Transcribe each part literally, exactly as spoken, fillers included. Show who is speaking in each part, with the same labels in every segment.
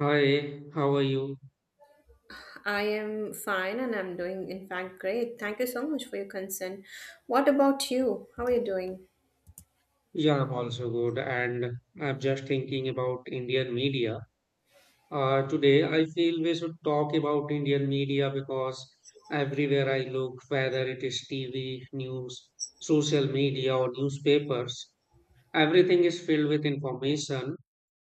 Speaker 1: Hi, how are you?
Speaker 2: I am fine and I'm doing, in fact, great. Thank you so much for your concern. What about you? How are you doing?
Speaker 1: Yeah, I'm also good. And I'm just thinking about Indian media. Uh, today, I feel we should talk about Indian media because everywhere I look, whether it is T V, news, social media, or newspapers, everything is filled with information.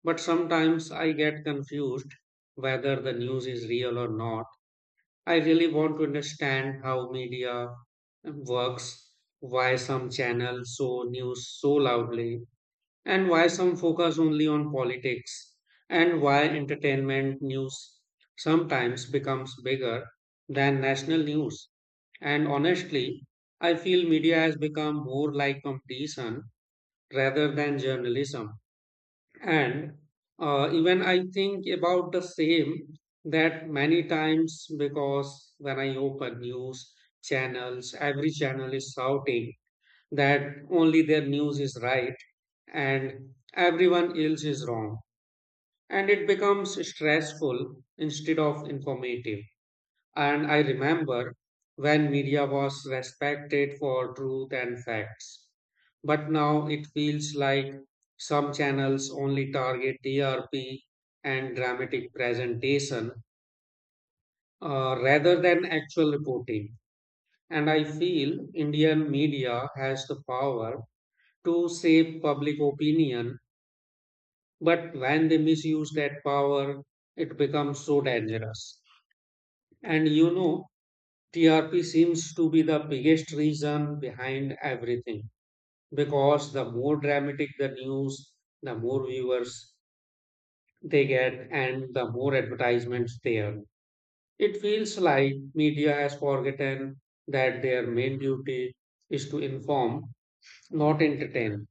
Speaker 1: But sometimes I get confused whether the news is real or not. I really want to understand how media works, why some channels show news so loudly, and why some focus only on politics, and why entertainment news sometimes becomes bigger than national news. And honestly, I feel media has become more like competition rather than journalism. And uh, even I think about the same that many times, because when I open news channels, every channel is shouting that only their news is right and everyone else is wrong, and it becomes stressful instead of informative. And I remember when media was respected for truth and facts. But now it feels like some channels only target T R P and dramatic presentation, uh, rather than actual reporting. And I feel Indian media has the power to shape public opinion, but when they misuse that power, it becomes so dangerous. And you know, T R P seems to be the biggest reason behind everything, because the more dramatic the news, the more viewers they get, and the more advertisements they earn. It feels like media has forgotten that their main duty is to inform, not entertain.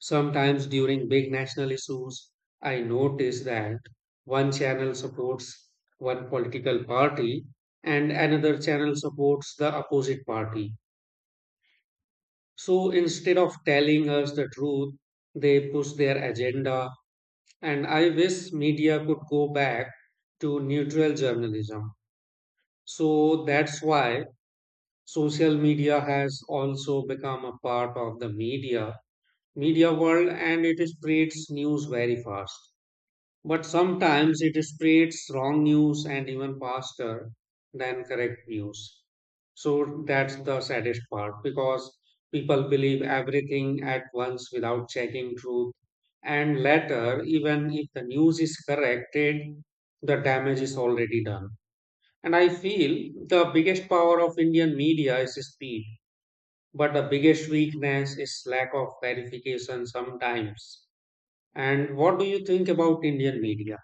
Speaker 1: Sometimes during big national issues, I notice that one channel supports one political party and another channel supports the opposite party. So instead of telling us the truth, they push their agenda. And I wish media could go back to neutral journalism. So that's why social media has also become a part of the media media world, and it spreads news very fast. But sometimes it spreads wrong news and even faster than correct news. So that's the saddest part, because people believe everything at once without checking truth. And later, even if the news is corrected, the damage is already done. And I feel the biggest power of Indian media is speed, but the biggest weakness is lack of verification sometimes. And what do you think about Indian media?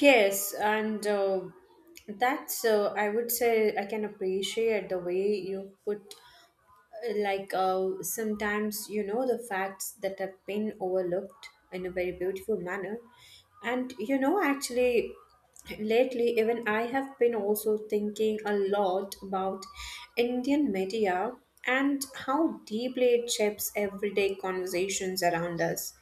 Speaker 2: Yes, and uh, that's, uh, I would say, I can appreciate the way you put like uh, sometimes you know the facts that have been overlooked in a very beautiful manner. And you know actually, lately, even I have been also thinking a lot about Indian media and how deeply it shapes everyday conversations around us,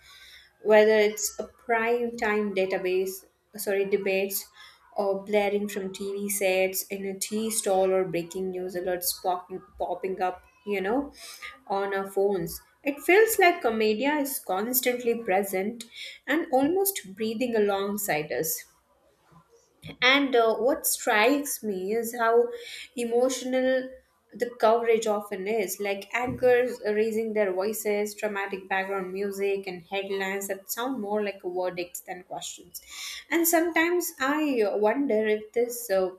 Speaker 2: whether it's a prime time database, sorry, debates, or blaring from T V sets in a tea stall, or breaking news alerts popping, popping up, you know, on our phones. It feels like a media is constantly present and almost breathing alongside us. And uh, what strikes me is how emotional the coverage often is, like anchors raising their voices, dramatic background music, and headlines that sound more like verdicts than questions. And sometimes I wonder if this uh,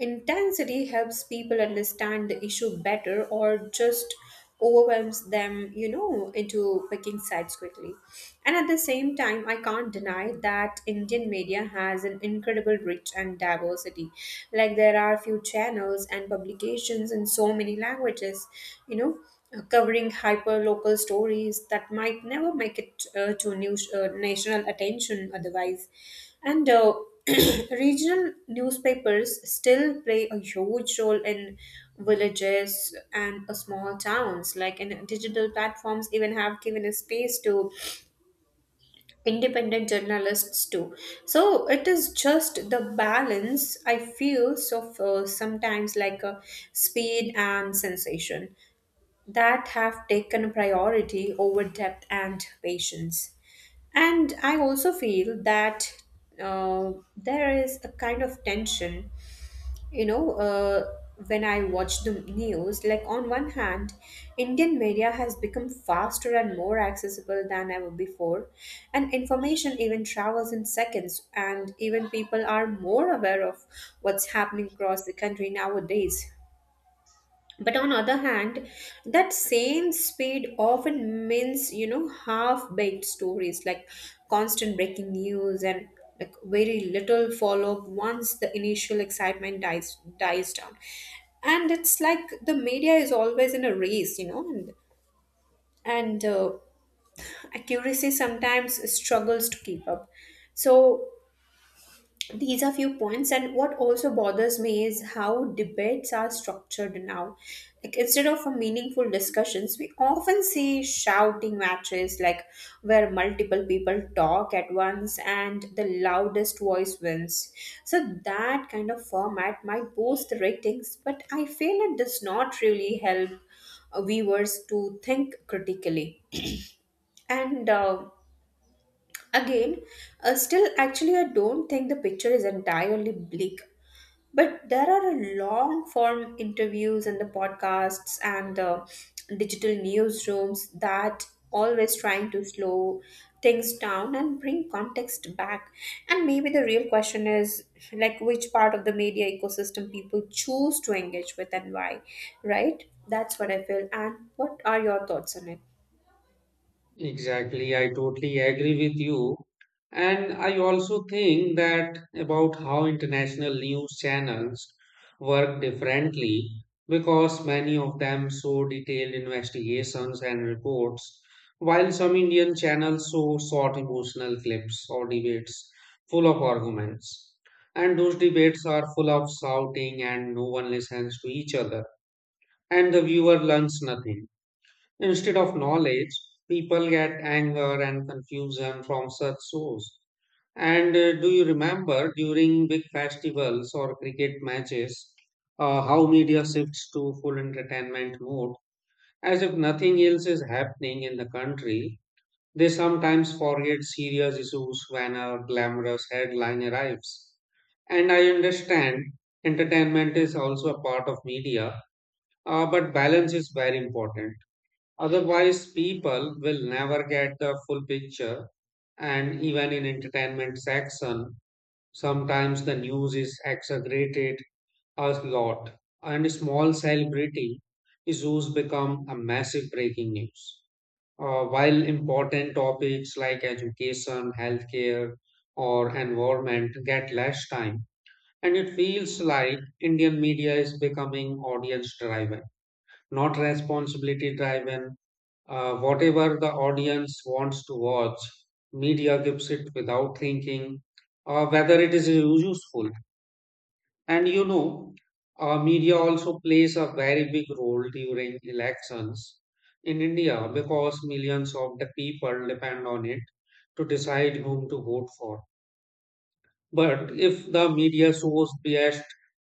Speaker 2: intensity helps people understand the issue better, or just overwhelms them, you know, into picking sides quickly. And at the same time, I can't deny that Indian media has an incredible reach and diversity. Like, there are a few channels and publications in so many languages, you know, uh, covering hyper local stories that might never make it uh, to news uh, national attention otherwise. And uh, regional newspapers still play a huge role in villages and uh, small towns. Like, and digital platforms even have given a space to independent journalists too. So it is just the balance I feel of uh, sometimes, like uh, speed and sensation that have taken priority over depth and patience. And I also feel that uh, there is a kind of tension, you know, uh, when I watch the news. Like, on one hand, Indian media has become faster and more accessible than ever before, and information even travels in seconds, and even people are more aware of what's happening across the country nowadays. But on other hand, that same speed often means, you know half-baked stories, like constant breaking news and like very little follow-up, once the initial excitement dies dies down. And it's like the media is always in a race, you know and, and uh, accuracy sometimes struggles to keep up. So these are few points, and what also bothers me is how debates are structured now, like instead of a meaningful discussions, we often see shouting matches, like where multiple people talk at once and the loudest voice wins. So that kind of format might boost the ratings, but I feel it does not really help uh, viewers to think critically. And uh, again, uh, still, actually, I don't think the picture is entirely bleak, but there are a long form interviews, and the podcasts, and the digital newsrooms that always trying to slow things down and bring context back. And maybe the real question is, like, which part of the media ecosystem people choose to engage with and why, right? That's what I feel. And what are your thoughts on it?
Speaker 1: Exactly, I totally agree with you. And I also think that about how international news channels work differently, because many of them show detailed investigations and reports, while some Indian channels show short emotional clips or debates full of arguments. And those debates are full of shouting and no one listens to each other, and the viewer learns nothing. Instead of knowledge, people get anger and confusion from such shows. And uh, do you remember during big festivals or cricket matches uh, how media shifts to full entertainment mode as if nothing else is happening in the country? They sometimes forget serious issues when a glamorous headline arrives. And I understand entertainment is also a part of media, uh, but balance is very important. Otherwise, people will never get the full picture. And even in entertainment section, sometimes the news is exaggerated a lot, and small celebrity issues become a massive breaking news. Uh, while important topics like education, healthcare, or environment get less time, and it feels like Indian media is becoming audience driven, not responsibility driven. Uh, whatever the audience wants to watch, media gives it without thinking uh, whether it is useful. And you know, uh, media also plays a very big role during elections in India, because millions of the people depend on it to decide whom to vote for. But if the media shows biased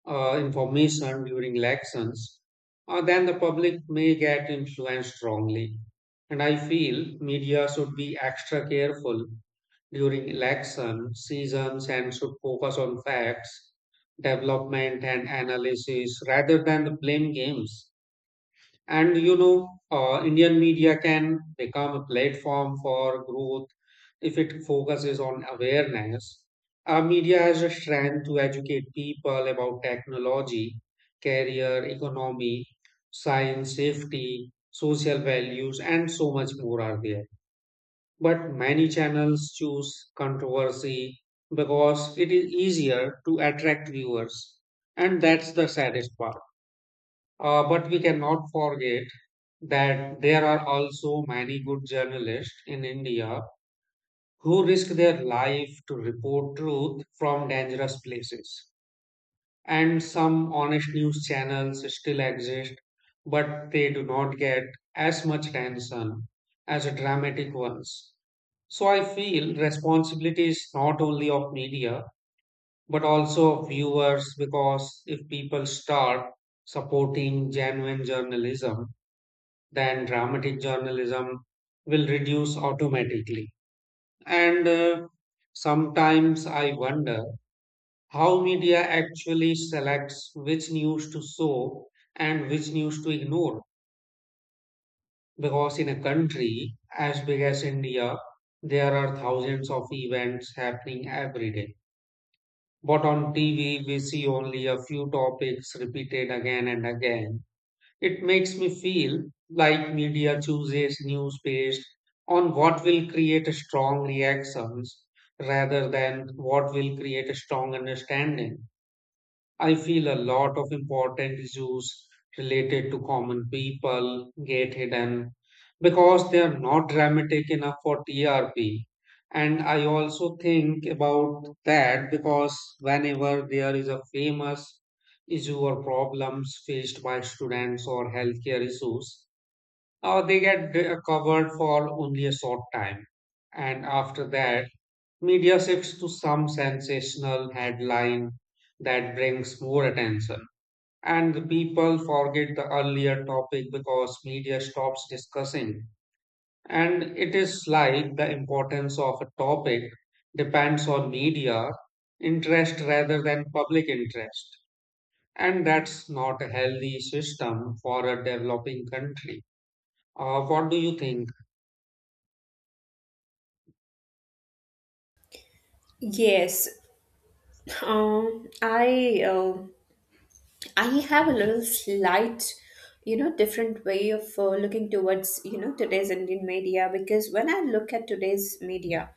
Speaker 1: uh, information during elections, uh, then the public may get influenced wrongly. And I feel media should be extra careful during election seasons and should focus on facts, development, and analysis rather than the blame games. And you know, uh, Indian media can become a platform for growth if it focuses on awareness. Our media has a strength to educate people about technology, career, economy, science, safety, social values, and so much more are there. But many channels choose controversy because it is easier to attract viewers, and that's the saddest part. Uh, but we cannot forget that there are also many good journalists in India who risk their life to report truth from dangerous places. And some honest news channels still exist, but they do not get as much attention as dramatic ones. So I feel responsibility is not only of media, but also of viewers, because if people start supporting genuine journalism, than dramatic journalism will reduce automatically. And uh, sometimes I wonder how media actually selects which news to show and which news to ignore. Because in a country as big as India, there are thousands of events happening every day. But on T V, we see only a few topics repeated again and again. It makes me feel like media chooses news based on what will create a strong reactions rather than what will create a strong understanding. I feel a lot of important issues related to common people get hidden because they are not dramatic enough for T R P. And I also think about that, because whenever there is a famous issue or problems faced by students or healthcare issues, uh, they get d- uh, covered for only a short time. And after that, media shifts to some sensational headline that brings more attention. And the people forget the earlier topic because media stops discussing. And it is like the importance of a topic depends on media interest rather than public interest. And that's not a healthy system for a developing country. Uh, what do you think?
Speaker 2: Yes, um, I uh, I have a little slight, you know, different way of uh, looking towards, you know, today's Indian media, because when I look at today's media,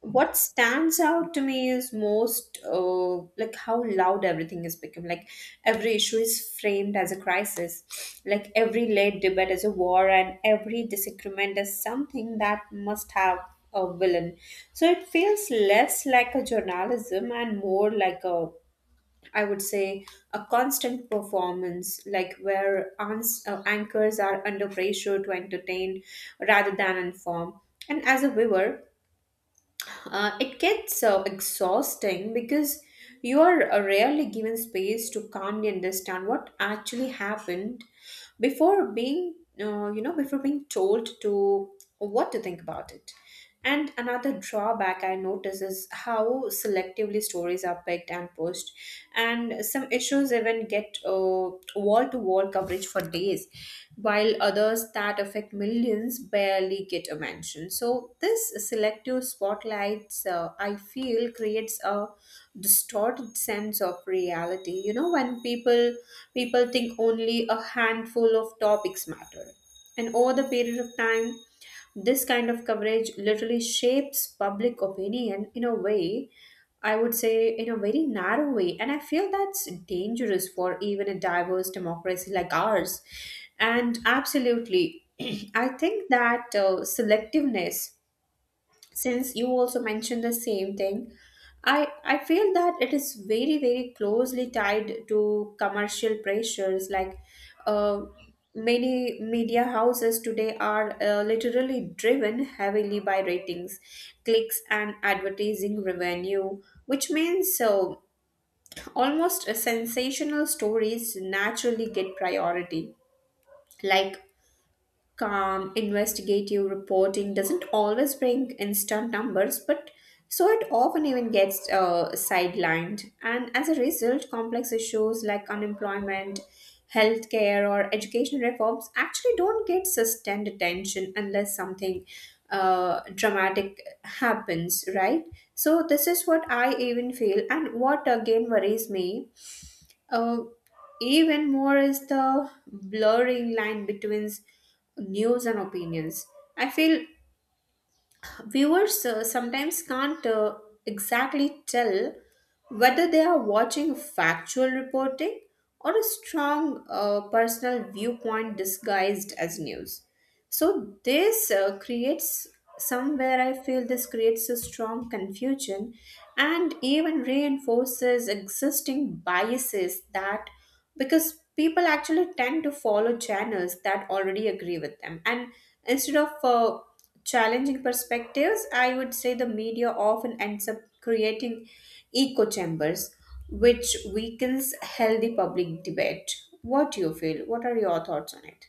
Speaker 2: what stands out to me is most uh, like how loud everything has become. Like, every issue is framed as a crisis, like every late debate is a war, and every disagreement is something that must have a villain. So it feels less like a journalism, and more like a, I would say, a constant performance, like where ans- uh, anchors are under pressure to entertain rather than inform. And as a viewer, uh, it gets uh, exhausting, because you are uh, rarely given space to calmly understand what actually happened, before being, uh, you know, before being told to what to think about it. And another drawback I notice is how selectively stories are picked and pushed, and some issues even get wall to wall coverage for days, while others that affect millions barely get a mention. So, this selective spotlights, uh, I feel, creates a distorted sense of reality. You know, when people people think only a handful of topics matter, and over the period of time, this kind of coverage literally shapes public opinion in a way, I would say, in a very narrow way. And I feel that's dangerous for even a diverse democracy like ours. And absolutely, I think that uh, selectiveness, since you also mentioned the same thing, i i feel that it is very very closely tied to commercial pressures, like uh, many media houses today are uh, literally driven heavily by ratings, clicks, and advertising revenue, which means so almost uh, sensational stories naturally get priority, like calm, investigative reporting doesn't always bring instant numbers, but so it often even gets uh, sidelined. And as a result, complex issues like unemployment, healthcare, or education reforms actually don't get sustained attention unless something uh, dramatic happens, right? So, this is what I even feel, and what again worries me uh, even more is the blurring line between news and opinions. I feel viewers uh, sometimes can't uh, exactly tell whether they are watching factual reporting or a strong uh, personal viewpoint disguised as news. So, this uh, creates, somewhere I feel this creates a strong confusion and even reinforces existing biases, that because people actually tend to follow channels that already agree with them, and instead of uh, challenging perspectives, I would say the media often ends up creating echo chambers, which weakens healthy public debate. What do you feel? What are your thoughts on it?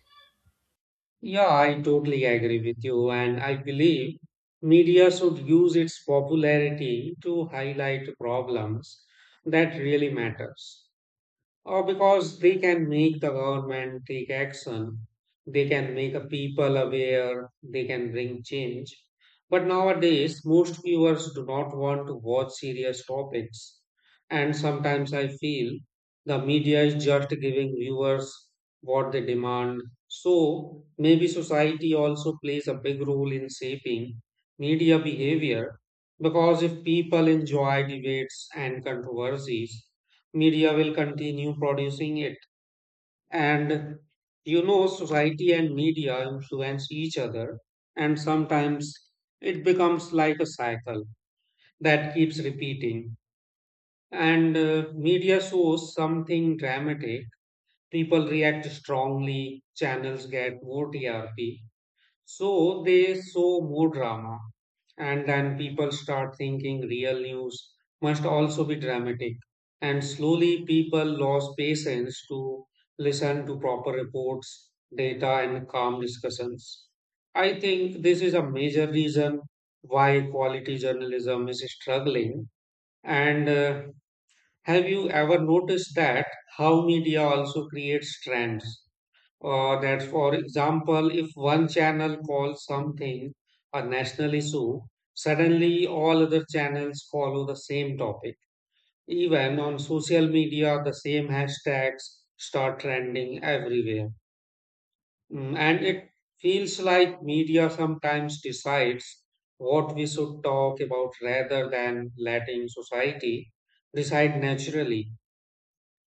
Speaker 1: Yeah, I totally agree with you, and I believe media should use its popularity to highlight problems that really matters, or because they can make the government take action, they can make a people aware, they can bring change. But nowadays, most viewers do not want to watch serious topics. And sometimes I feel the media is just giving viewers what they demand. So maybe society also plays a big role in shaping media behavior, because if people enjoy debates and controversies, media will continue producing it. And you know, society and media influence each other, and sometimes it becomes like a cycle that keeps repeating. And uh, media shows something dramatic, people react strongly, channels get more T R P, so they show more drama. And then people start thinking real news must also be dramatic. And slowly people lost patience to listen to proper reports, data, and calm discussions. I think this is a major reason why quality journalism is struggling. And uh, have you ever noticed that how media also creates trends? Uh, that, for example, if one channel calls something a national issue, suddenly all other channels follow the same topic. Even on social media, the same hashtags start trending everywhere. Mm. And it feels like media sometimes decides what we should talk about rather than letting society decide naturally.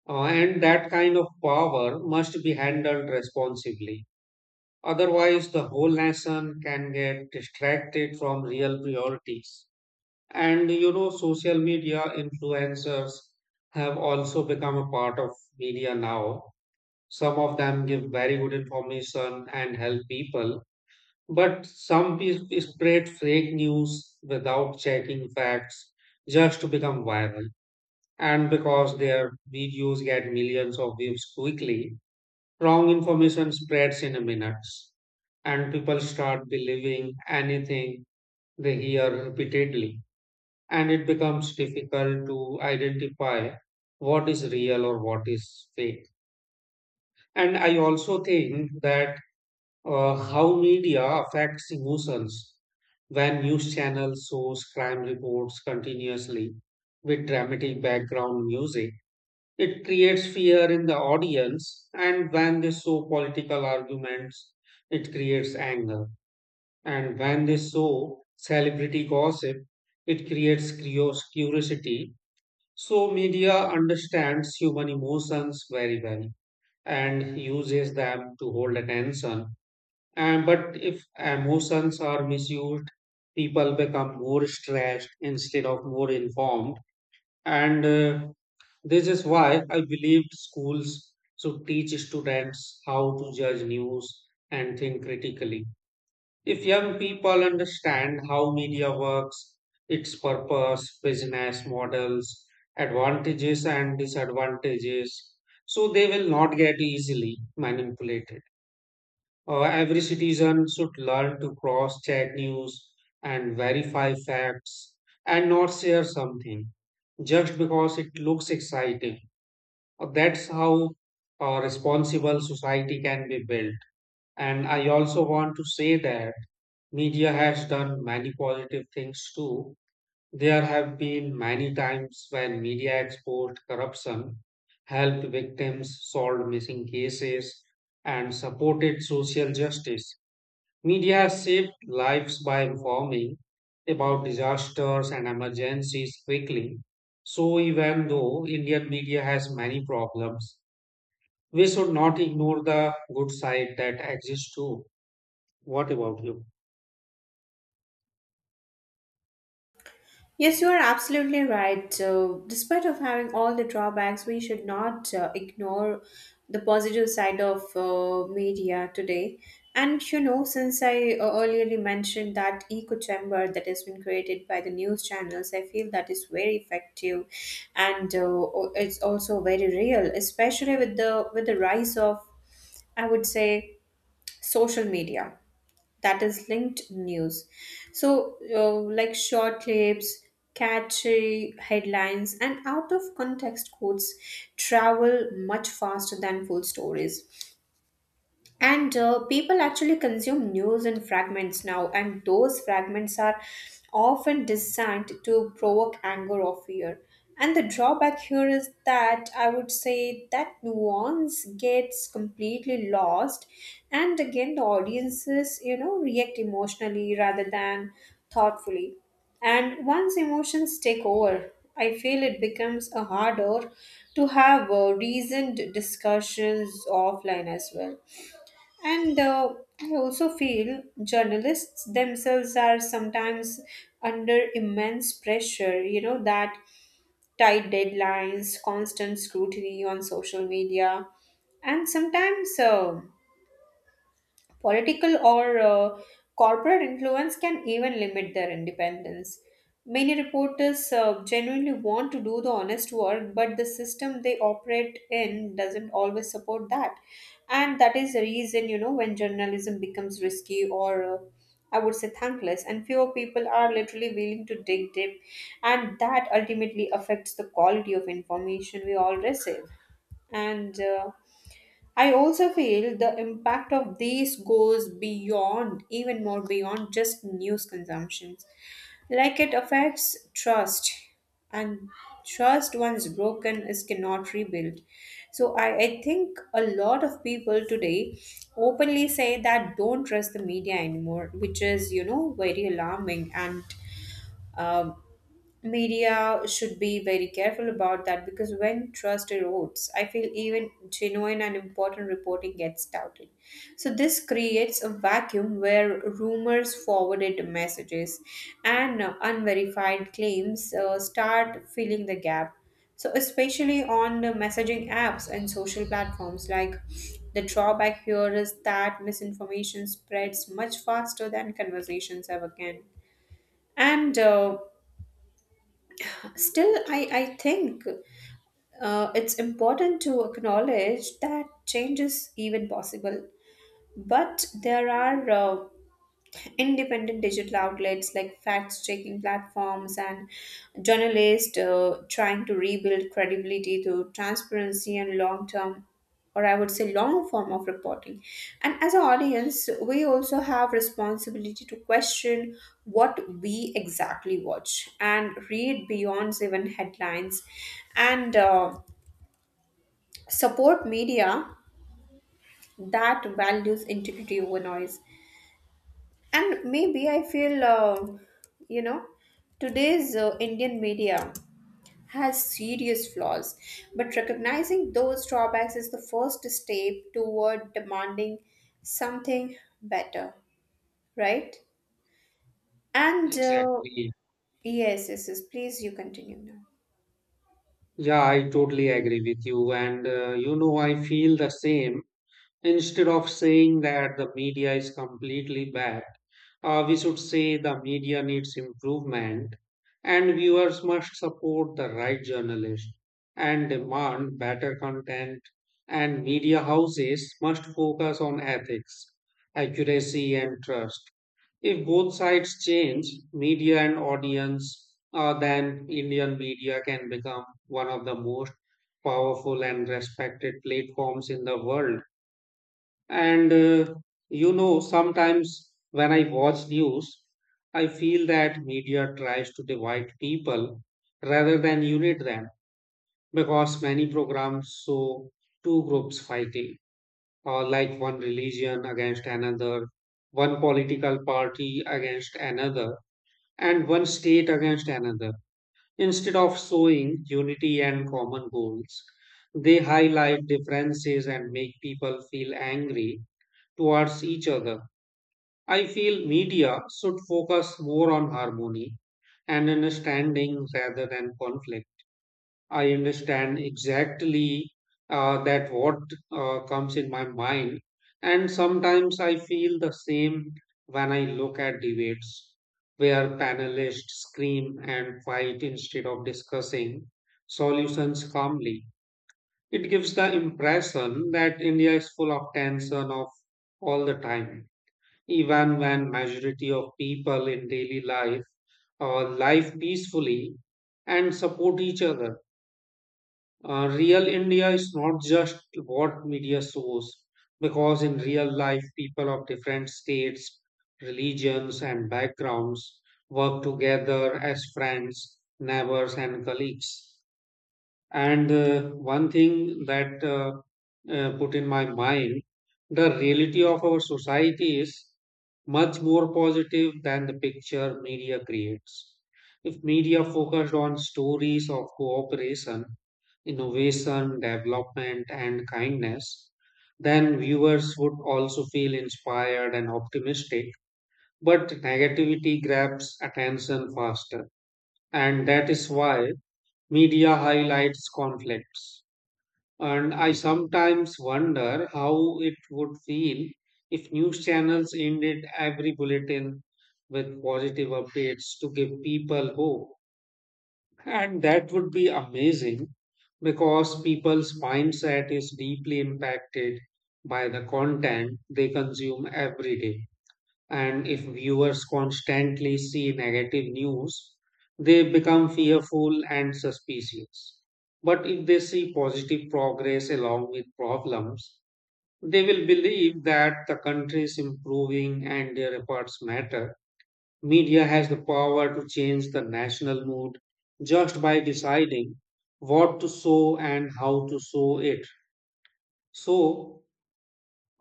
Speaker 1: Uh, and that kind of power must be handled responsibly. Otherwise, the whole nation can get distracted from real priorities. And you know, social media influencers have also become a part of media now. Some of them give very good information and help people, but some pe- spread fake news without checking facts just to become viral. And because their videos get millions of views quickly, wrong information spreads in a minutes, and people start believing anything they hear repeatedly, and it becomes difficult to identify what is real or what is fake. And I also think that uh, how media affects emotions. When news channels shows crime reports continuously with dramatic background music, it creates fear in the audience, and when they show political arguments, it creates anger. And when they show celebrity gossip, it creates curios- curiosity. So, media understands human emotions very well and uses them to hold attention. And, but if emotions are misused, people become more stressed instead of more informed. And uh, this is why I believe schools should teach students how to judge news and think critically. If young people understand how media works, its purpose, business models, advantages, and disadvantages, so they will not get easily manipulated. Uh, every citizen should learn to cross check news and verify facts and not share something just because it looks exciting. Uh, That's how a responsible society can be built. And I also want to say that media has done many positive things too. There have been many times when media exposed corruption, helped victims, solved missing cases, and supported social justice. Media has saved lives by informing about disasters and emergencies quickly. So, even though Indian media has many problems, we should not ignore the good side that exists too. What about you?
Speaker 2: Yes, you are absolutely right. So, despite of having all the drawbacks, we should not uh, ignore the positive side of uh, media today. And you know, since I uh, earlier mentioned that echo chamber that has been created by the news channels, I feel that is very effective, and uh, it's also very real, especially with the with the rise of, I would say, social media that is linked news. So, uh, like short clips, catchy headlines, and out of context quotes travel much faster than full stories. And uh, people actually consume news in fragments now, and those fragments are often designed to provoke anger or fear. And the drawback here is that, I would say, that nuance gets completely lost, and again, the audiences, you know, react emotionally rather than thoughtfully. And once emotions take over, I feel it becomes uh, harder to have uh, reasoned discussions offline as well. And uh, I also feel journalists themselves are sometimes under immense pressure, you know, that tight deadlines, constant scrutiny on social media, and sometimes uh, political or uh, corporate influence can even limit their independence. Many reporters uh, genuinely want to do the honest work, but the system they operate in doesn't always support that. And that is the reason, you know, when journalism becomes risky or uh, I would say thankless, and fewer people are literally willing to dig deep, and that ultimately affects the quality of information we all receive. And uh, I also feel the impact of these goes beyond, even more beyond just news consumptions. Like, it affects trust, and trust once broken is cannot rebuild. So I, I think a lot of people today openly say that don't trust the media anymore, which is you know very alarming and. um media should be very careful about that, because when trust erodes, I feel even genuine and important reporting gets doubted. So, this creates a vacuum where rumors, forwarded messages, and uh, unverified claims uh, start filling the gap. So, especially on the messaging apps and social platforms, like the drawback here is that misinformation spreads much faster than conversations ever can. And uh, still, I, I think uh, it's important to acknowledge that change is even possible. But there are uh, independent digital outlets, like fact checking platforms and journalists uh, trying to rebuild credibility through transparency and long term, or I would say long form of reporting. And as an audience, we also have responsibility to question what we exactly watch and read beyond even headlines, and uh, support media that values integrity over noise. And maybe I feel, uh, you know, today's uh, Indian media has serious flaws, but recognizing those drawbacks is the first step toward demanding something better, right? And uh,
Speaker 1: Exactly.
Speaker 2: yes, yes, yes, please, you continue now.
Speaker 1: Yeah, I totally agree with you. And uh, you know, I feel the same. Instead of saying that the media is completely bad, uh, we should say the media needs improvement, and viewers must support the right journalists and demand better content, and media houses must focus on ethics, accuracy and trust. If both sides change, media and audience, uh, then Indian media can become one of the most powerful and respected platforms in the world. And uh, you know, sometimes when I watch news, I feel that media tries to divide people rather than unite them, because many programs show two groups fighting, or like one religion against another, one political party against another, and one state against another. Instead of showing unity and common goals, they highlight differences and make people feel angry towards each other. I feel media should focus more on harmony and understanding rather than conflict. I understand exactly uh, that what uh, comes in my mind, and sometimes I feel the same when I look at debates where panelists scream and fight instead of discussing solutions calmly. It gives the impression that India is full of tension of all the time, even when majority of people in daily life uh, live peacefully and support each other. Uh, real India is not just what media shows, because in real life, people of different states, religions, and backgrounds work together as friends, neighbors, and colleagues. And uh, one thing that uh, uh, put in my mind, the reality of our society is much more positive than the picture media creates. If media focused on stories of cooperation, innovation, development, and kindness, then viewers would also feel inspired and optimistic. But negativity grabs attention faster. And that is why media highlights conflicts. And I sometimes wonder how it would feel if news channels ended every bulletin with positive updates to give people hope. And that would be amazing, because people's mindset is deeply impacted by the content they consume every day. And if viewers constantly see negative news, they become fearful and suspicious. But if they see positive progress along with problems, they will believe that the country is improving and their efforts matter. Media has the power to change the national mood just by deciding what to show and how to show it. So,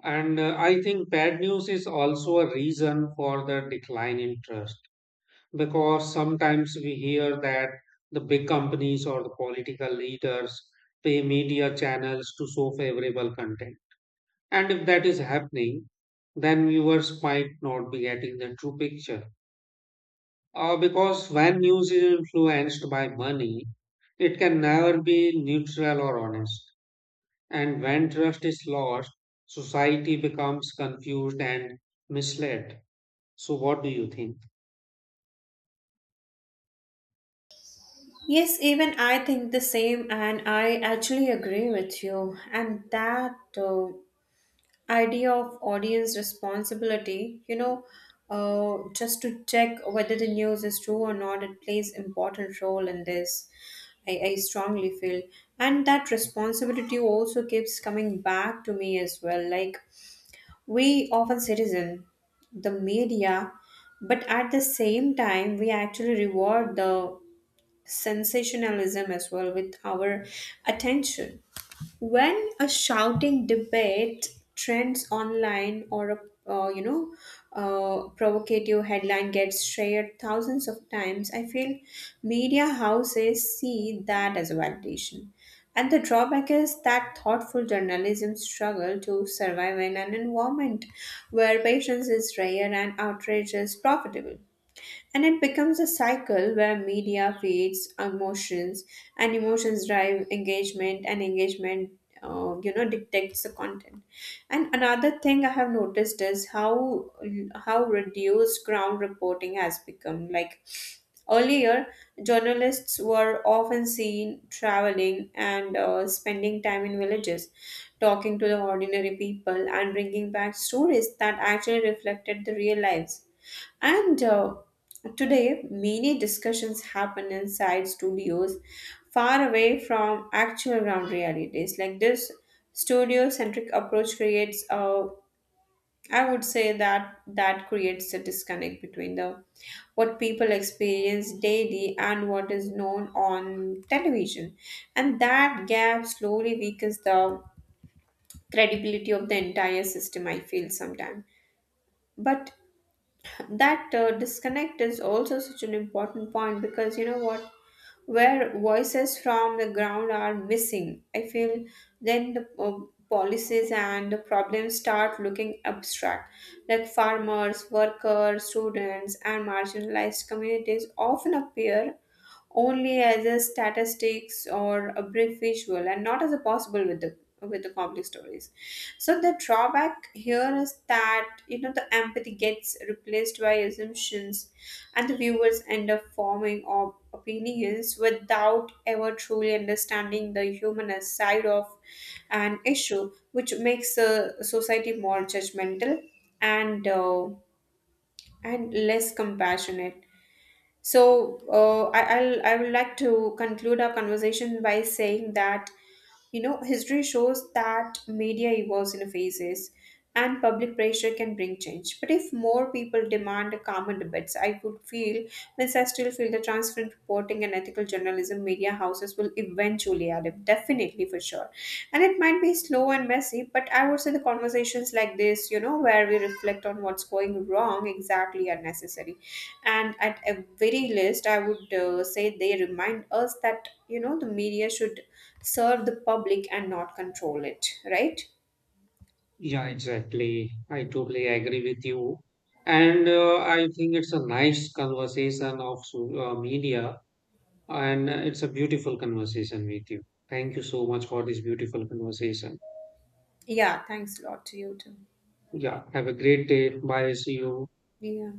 Speaker 1: and uh, I think bad news is also a reason for the decline in trust, because sometimes we hear that the big companies or the political leaders pay media channels to show favorable content. And if that is happening, then viewers might not be getting the true picture. Uh, because when news is influenced by money, it can never be neutral or honest. And when trust is lost, society becomes confused and misled. So, what do you think?
Speaker 2: Yes, even I think the same, and I actually agree with you. And that uh, idea of audience responsibility, you know uh, just to check whether the news is true or not, it plays important role in this, I, I strongly feel. And that responsibility also keeps coming back to me as well, like we often citizen the media, but at the same time we actually reward the sensationalism as well with our attention, when a shouting debate trends online, or a uh, you know uh, provocative headline gets shared thousands of times, I feel media houses see that as a validation. And the drawback is that thoughtful journalism struggle to survive in an environment where patience is rare and outrage is profitable, and it becomes a cycle where media feeds emotions, and emotions drive engagement, and engagement uh, you know dictates the content. And another thing I have noticed is how how reduced ground reporting has become. Like, earlier, journalists were often seen traveling and uh, spending time in villages, talking to the ordinary people, and bringing back stories that actually reflected the real lives. And uh, today, many discussions happen inside studios far away from actual ground realities. Like, this studio centric approach creates a, I would say that, that creates a disconnect between the what people experience daily and what is known on television, and that gap slowly weakens the credibility of the entire system, I feel sometimes. But that uh, disconnect is also such an important point, because you know what, where voices from the ground are missing, I feel then the uh, policies and the problems start looking abstract, like farmers, workers, students, and marginalized communities often appear only as a statistics or a brief visual, and not as a possible with the with the complex stories. So the drawback here is that, you know the empathy gets replaced by assumptions, and the viewers end up forming op- opinions without ever truly understanding the human side of an issue, which makes a society more judgmental, and uh, and less compassionate. So uh, I, I'll I would like to conclude our conversation by saying that, you know, history shows that media evolves in phases and public pressure can bring change. But if more people demand calmer debates, I could feel, means I still feel the transparent reporting and ethical journalism media houses will eventually adapt, definitely for sure. And it might be slow and messy, but I would say the conversations like this, you know, where we reflect on what's going wrong, exactly are necessary. And at a very least, I would uh, say they remind us that, you know, the media should serve the public and not control it, right?
Speaker 1: Yeah, exactly. I totally agree with you. And uh, I think it's a nice conversation of so- uh, media, and uh, it's a beautiful conversation with you. Thank you so much for this beautiful conversation.
Speaker 2: Yeah, thanks a lot to you too.
Speaker 1: Yeah, have a great day. Bye. See you.
Speaker 2: Yeah.